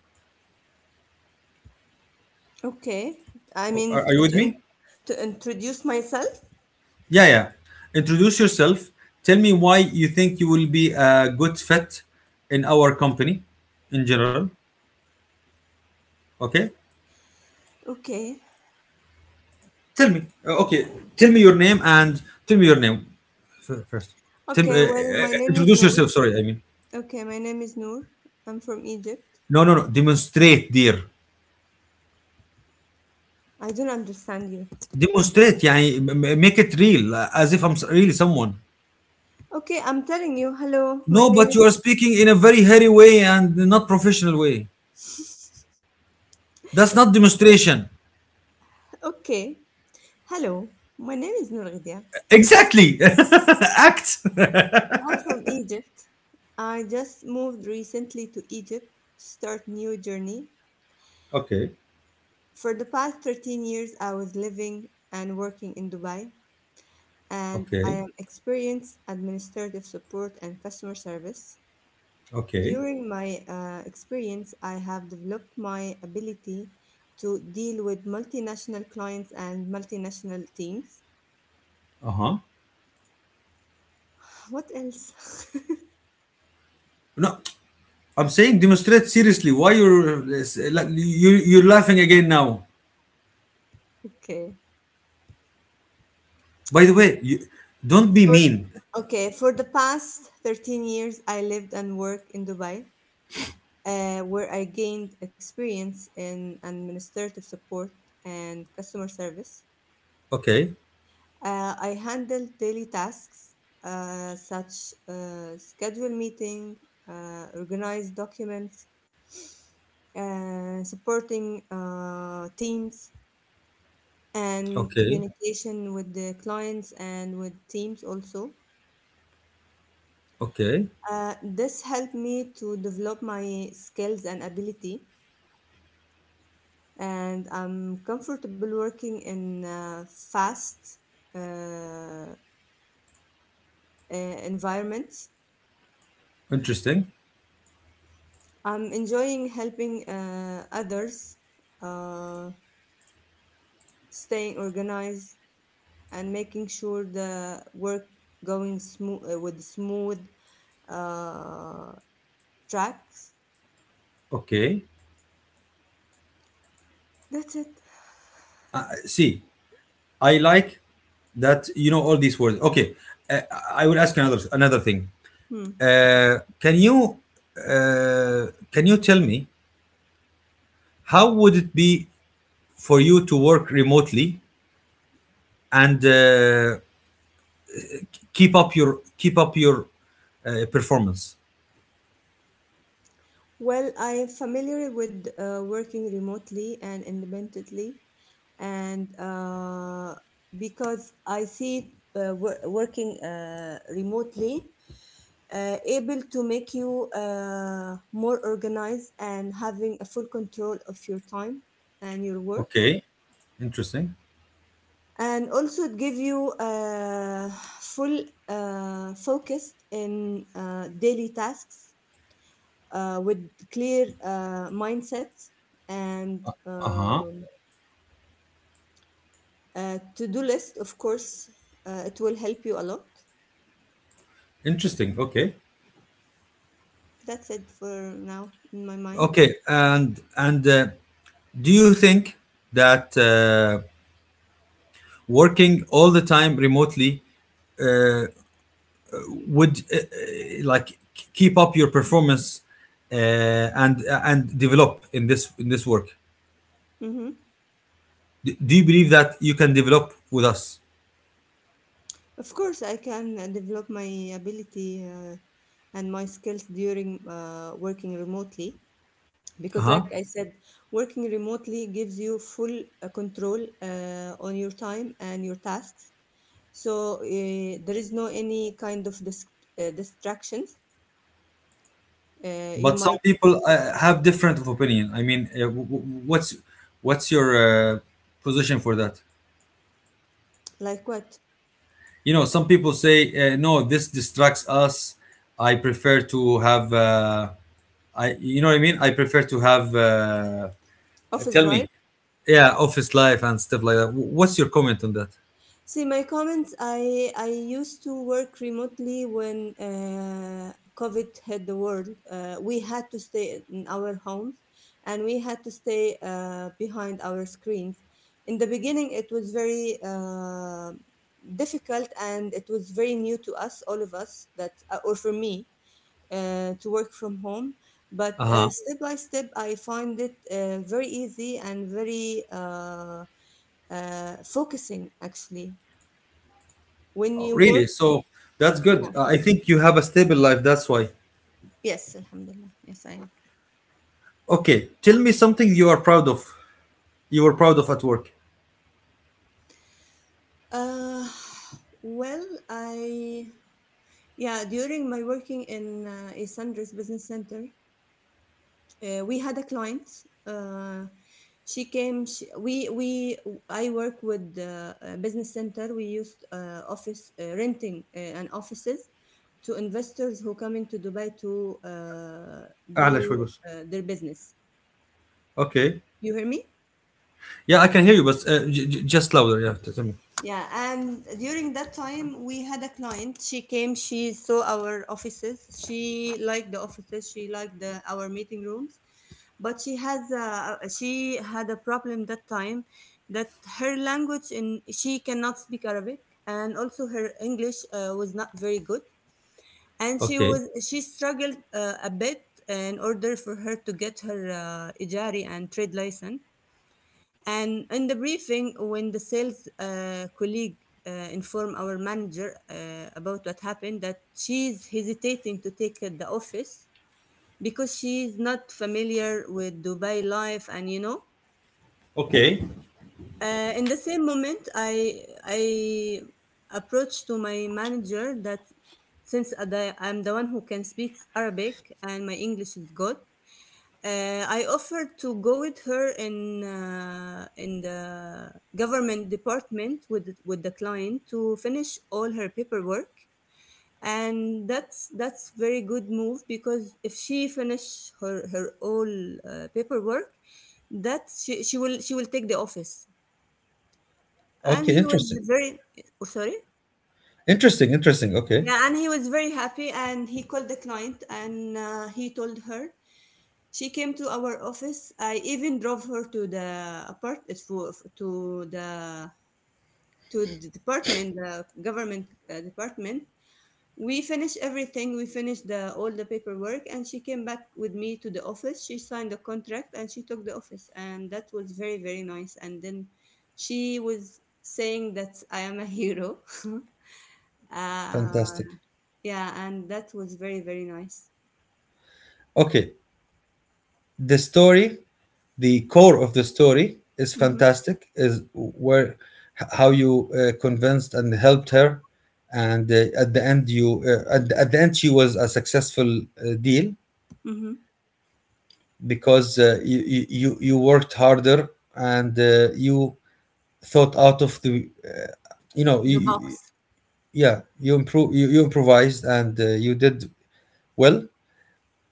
B: Okay, I
A: Oh,
B: mean
A: Are you with
B: to,
A: me?
B: to introduce myself.
A: Yeah, yeah. Introduce yourself. Tell me why you think you will be a good fit in our company in general. Okay?
B: Okay.
A: Tell me. Okay. Tell me your name, and tell me your name first.
B: Okay, well, my name is
A: Introduce
B: Noor.
A: yourself. Sorry, I mean.
B: Okay, my name is Noor. I'm from Egypt.
A: No, no, no. Demonstrate, dear.
B: I don't understand you.
A: Demonstrate. Yeah, make it real, as if I'm really someone.
B: Okay, I'm telling you, hello, my
A: No,
B: name
A: but
B: is.
A: you are speaking in a very hairy way and not professional way. That's not demonstration.
B: Okay, hello, my name is Noor.
A: Exactly. Act.
B: I'm from Egypt. I just moved recently to Egypt to start new journey.
A: Okay.
B: For the past 13 years, I was living and working in Dubai, and I
A: Okay.
B: am experienced administrative support and customer service.
A: Okay.
B: During my experience, I have developed my ability to deal with multinational clients and multinational teams.
A: Uh huh.
B: What else?
A: No, I'm saying demonstrate seriously. Why you're like, you you're laughing again now?
B: Okay.
A: By the way, you, don't be
B: For,
A: mean.
B: okay, for the past 13 years, I lived and worked in Dubai, where I gained experience in administrative support and customer service.
A: Okay.
B: I handled daily tasks such schedule meeting, organized documents, supporting teams, and
A: Okay.
B: communication with the clients and with teams also.
A: Okay.
B: This helped me to develop my skills and ability, and I'm comfortable working in fast uh, environments.
A: Interesting.
B: I'm enjoying helping others, uh, staying organized, and making sure the work going smooth with smooth uh, tracks.
A: Okay.
B: That's it.
A: See, I like that you know all these words. Okay. Uh, I will ask another thing.
B: Hmm.
A: Uh, can you uh, can you tell me how would it be for you to work remotely and keep up your performance?
B: Well, I am familiar with working remotely and independently, and because I see working remotely able to make you more organized and having a full control of your time and your work,
A: Okay, interesting.
B: and also it give you full focus in daily tasks with clear mindset and
A: Uh huh.
B: a to-do list, of course, it will help you a lot.
A: Interesting. Okay.
B: That's it for now in my mind.
A: Okay. And do you think that working all the time remotely uh, would like keep up your performance and develop in this work?
B: Hmm.
A: D- do you believe that you can develop with us?
B: Of course, I can develop my ability and my skills during working remotely because,
A: Uh-huh.
B: like I said, working remotely gives you full control on your time and your tasks. So there is no any kind of distractions you
A: But some
B: might.
A: people have different of opinion. What's your position for that?
B: Like what?
A: You know, some people say, no, this distracts us. I prefer to have, I you know what I mean, I prefer to have,
B: Office
A: tell
B: vibe.
A: me. Yeah, office life and stuff like that. W- what's your comment on that?
B: See my comments, I used to work remotely when COVID hit the world. We had to stay in our homes, and we had to stay behind our screens. In the beginning, it was very difficult, and it was very new to us, all of us, that or for me to work from home. But
A: Uh-huh.
B: step by step, I find it very easy and very focusing actually. When
A: Oh,
B: you work,
A: really? So that's
B: yeah.
A: good. I think you have a stable life. That's why.
B: Yes, Alhamdulillah. Yes, I am.
A: Okay. Tell me something you are proud of. You were proud of at work.
B: Uh, well, I, yeah, during my working in a Sandra's Business Center, we had a client. uh, she came, she, we I work with a business center. We used office renting and offices to investors who coming to Dubai to
A: أعلى شوي
B: do
A: بس.
B: their business.
A: Okay.
B: You hear me?
A: Yeah, I can hear you, but just louder. Yeah. Tell me.
B: Yeah, and during that time we had a client. She came, she saw our offices. She liked the offices, she liked the our meeting rooms. But she had a problem that time that her language in she cannot speak Arabic, and also her English was not very good, and
A: Okay.
B: she struggled a bit in order for her to get her ijari and trade license. And in the briefing, when the sales colleague informed our manager about what happened, that she's hesitating to take the office because she's not familiar with Dubai life, and you know.
A: Okay.
B: In the same moment, I approached to my manager that since I'm the one who can speak Arabic and my English is good, I offered to go with her in the government department with with the client to finish all her paperwork, and that's very good move because if she finish her all paperwork, that she will she will take the office. And
A: Okay.
B: he was
A: Interesting.
B: very, oh, sorry,
A: Interesting. Interesting. Okay.
B: yeah, and he was very happy, and he called the client and he told her. She came to our office. I even drove her to the apart the to the department, the government department. We finished everything. We finished the all the paperwork, and she came back with me to the office. She signed the contract, and she took the office, and that was very very nice. And then she was saying that I am a hero. uh,
A: Fantastic.
B: yeah, and that was very very nice.
A: Okay. The story, the core of the story is
B: Hmm.
A: fantastic, is where how you convinced and helped her and at the end you at the end she was a successful deal,
B: Hmm.
A: because you worked harder, and you thought out of the, you know,
B: The
A: you-
B: box.
A: yeah, you improvised, and you did well.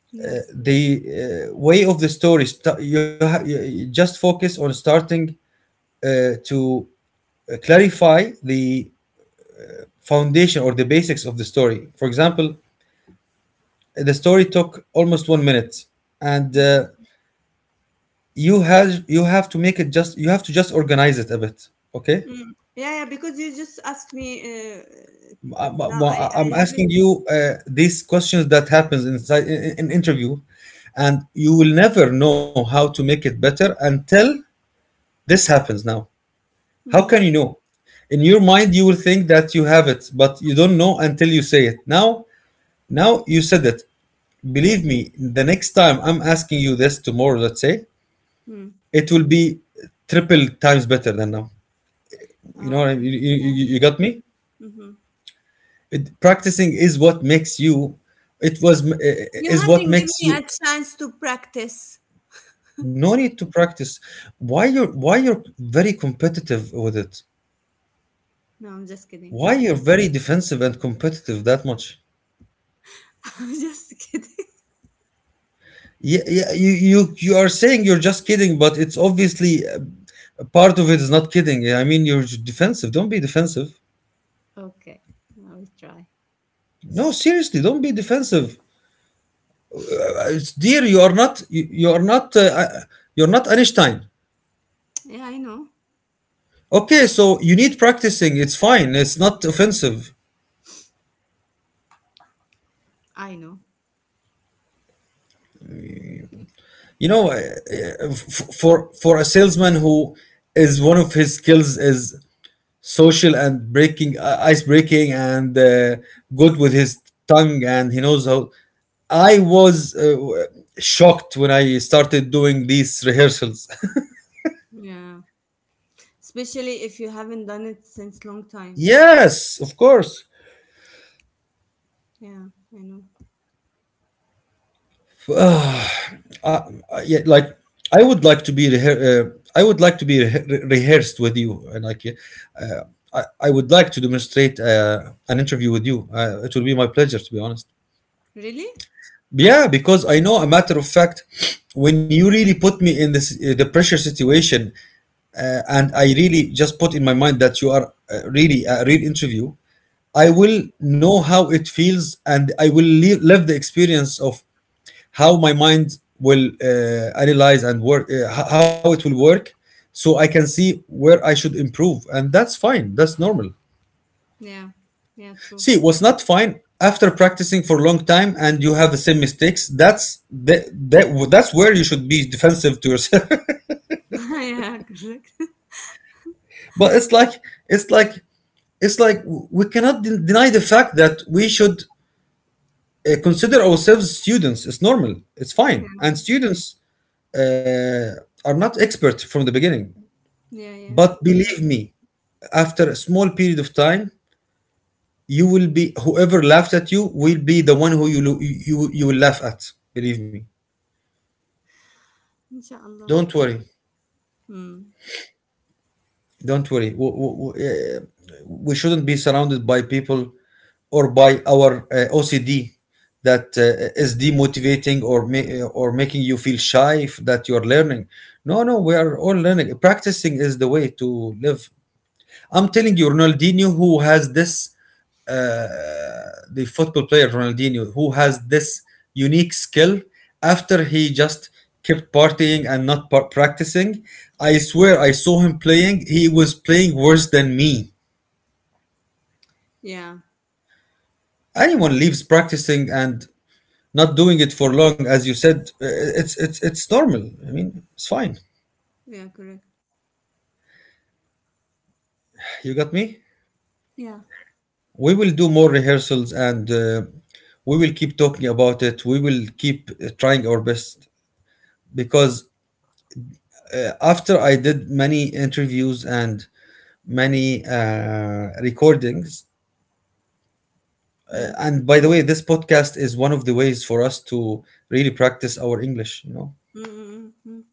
B: Yes.
A: The way of the story, st- you, ha- you just focus on starting to clarify the foundation or the basics of the story. For example, the story took almost 1 minute, and
B: Mm-hmm.
A: you have to make it just you have to just organize it a bit. Okay,
B: Mm. Yeah, yeah, because you just asked me now. I
A: I'm
B: haven't.
A: asking you these questions that happens inside in interview, and you will never know how to make it better until this happens. Now, how
B: Mm,
A: can you know? In your mind you will think that you have it, but you don't know until you say it now. Now you said it. Believe me, the next time I'm asking you this tomorrow, let's say,
B: mm.
A: it will be triple times better than now. You
B: Oh,
A: know what I mean?
B: okay. Yeah.
A: You got me?
B: Hmm.
A: Practicing is what makes you, it was, m- I-
B: You
A: is what
B: haven't given
A: makes
B: me a
A: you,
B: chance to practice.
A: no need to practice. Why you're very competitive with it?
B: No, I'm just kidding.
A: Why you're very defensive and competitive that much?
B: I'm just kidding.
A: Yeah, yeah, you are saying you're just kidding, but it's obviously part of it is not kidding. I mean, you're defensive. Don't be defensive.
B: Okay, I will try.
A: No, seriously, don't be defensive. It's, dear, you, you are not you're not Einstein.
B: Yeah, I know.
A: Okay, so you need practicing. It's fine. It's not offensive.
B: I know.
A: You know, for a salesman who is one of his skills is social and breaking ice breaking and good with his tongue and he knows how. I was shocked when I started doing these rehearsals.
B: Yeah. Especially if you haven't done it since long time.
A: Yes, of course.
B: Yeah, I know.
A: Yeah, like I would like to be rehe- uh, I would like to be rehearsed with you, and like yeah, uh, I would like to demonstrate an interview with you. It will be my pleasure, to be honest.
B: Really?
A: Yeah, because I know a matter of fact, when you really put me in this the pressure situation, and I really just put in my mind that you are really a real interview, I
B: Mm-hmm.
A: will know how it feels, and I will live the experience of how my mind will analyze and work how it will work, so I can see where I should improve, and that's fine, that's normal.
B: Yeah. Yeah, true.
A: See what's not fine after practicing for a long time and you have the same mistakes, that's that, that that's where you should be defensive to yourself.
B: Yeah, correct.
A: But it's like it's like we cannot deny the fact that we should consider ourselves students. It's normal, it's fine. And students uh, are not expert from the beginning.
B: Yeah,
A: But
B: yeah.
A: believe
B: Correct.
A: me, after a small period of time, you will be whoever laughed at you will be the one who you lo- you will laugh at. Believe me.
B: Inshallah.
A: Don't worry.
B: Mm.
A: Don't worry. We shouldn't be surrounded by people or by our OCD that is demotivating or or making you feel shy that you're learning. No, no, we are all learning. Practicing is the way to live. I'm telling you, Ronaldinho, who has this, uh, the football player Ronaldinho, who has this unique skill, after he just kept partying and not par- practicing, I swear I saw him playing. He was playing worse than me.
B: Yeah,
A: Anyone leaves practicing and not doing it for long, as you said, it's normal. I mean, it's fine.
B: yeah, correct.
A: You got me?
B: Yeah.
A: We will do more rehearsals, and we will keep talking about it. We will keep trying our best. Because after I did many interviews and many recordings,
B: Mm.
A: and by the way, this podcast is one of the ways for us to really practice our English. You know,
B: Mm, mm, mm, mm.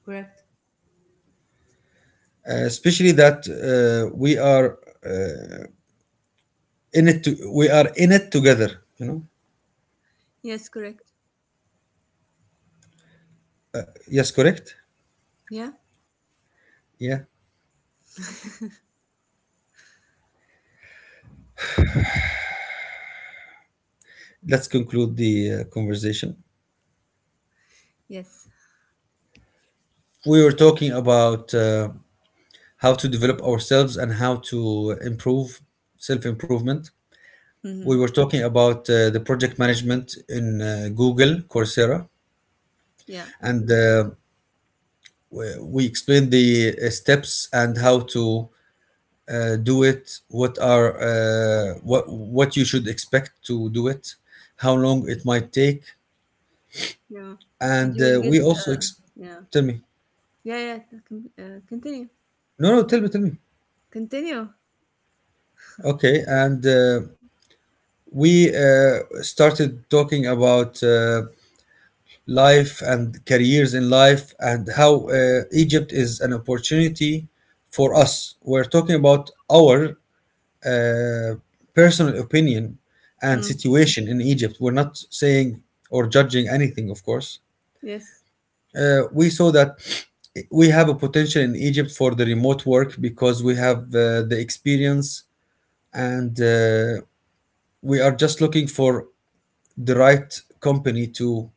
B: Correct.
A: especially that we are uh, in it. To, we are in it together. You know.
B: Yes, correct.
A: Yes, correct.
B: Yeah.
A: Yeah. Let's conclude the conversation.
B: Yes.
A: We were talking about how to develop ourselves and how to improve self improvement. We
B: Mm-hmm.
A: were talking about the project management in Google Coursera,
B: Yeah.
A: and we explained the steps and how to do it. What are what you should expect to do it, how long it might take,
B: Yeah. But
A: and
B: you will
A: we
B: get.
A: also
B: Uh, yeah.
A: tell me.
B: Yeah. Yeah. Continue.
A: No, no, tell me, tell me.
B: Continue.
A: Okay, and we started talking about life and careers in life, and how Egypt is an opportunity for us. We're talking about our uh, personal opinion and
B: Mm.
A: situation in Egypt. We're not saying or judging anything, of course.
B: Yes.
A: We saw that we have a potential in Egypt for the remote work because we have the experience and we are just looking for the right company to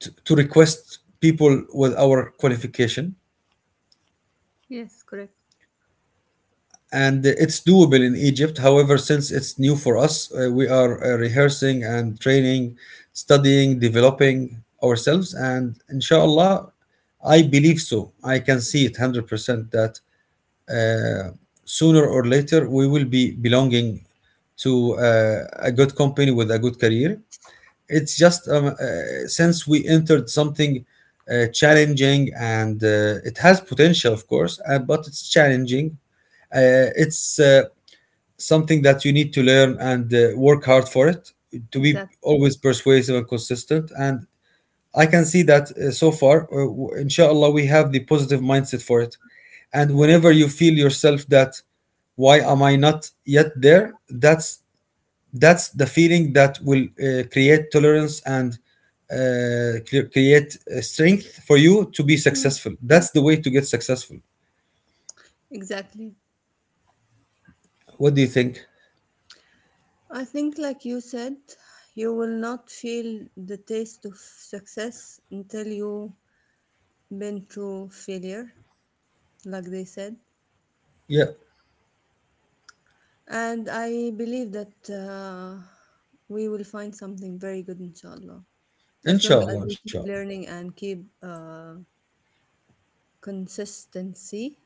A: to request people with our qualification,
B: Yes. Correct.
A: and it's doable in Egypt. However, since it's new for us, we are rehearsing and training, studying, developing ourselves, and inshallah, I believe so. I can see it 100% that uh, sooner or later we will be belonging to a good company with a good career. It's just since we entered something challenging and it has potential, of course, but it's challenging. It's something that you need to learn and work hard for it to be
B: Exactly.
A: always persuasive and consistent. And I can see that so far, inshallah, we have the positive mindset for it. And whenever you feel yourself that, why am I not yet there? That's the feeling that will create tolerance and create strength for you to be
B: Mm.
A: successful. That's the way to get successful.
B: Exactly.
A: What do you think?
B: I think, like you said, you will not feel the taste of success until you been through failure, like they said.
A: Yeah,
B: And I believe that we will find something very good, inshallah. As long as
A: inshallah,
B: we keep
A: inshallah.
B: learning and keep consistency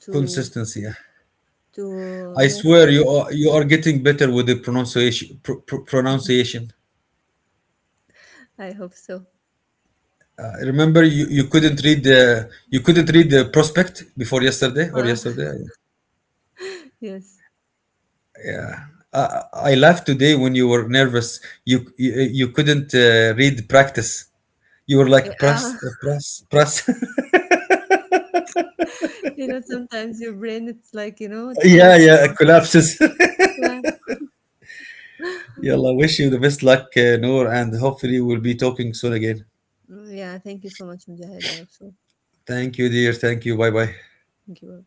B: to
A: Yeah.
B: to
A: I
B: move
A: swear
B: forward.
A: you are getting better with the pronunciation. Pronunciation.
B: I hope so.
A: Remember, you couldn't read the you couldn't read the prospect before yesterday or
B: Uh,
A: yesterday.
B: yes.
A: I laughed today when you were nervous. You couldn't read practice. You were
B: Yeah.
A: like press, press.
B: You know, sometimes your brain, it's like, you know, tearing
A: Yeah, yeah, it
B: up.
A: collapses.
B: Yeah.
A: Yalla, wish you the best luck, Noor, and hopefully we'll be talking soon again.
B: Mm, yeah. Thank you so much, Mujahid. I hope so.
A: Thank you, dear. Thank you. Bye bye.
B: Thank you.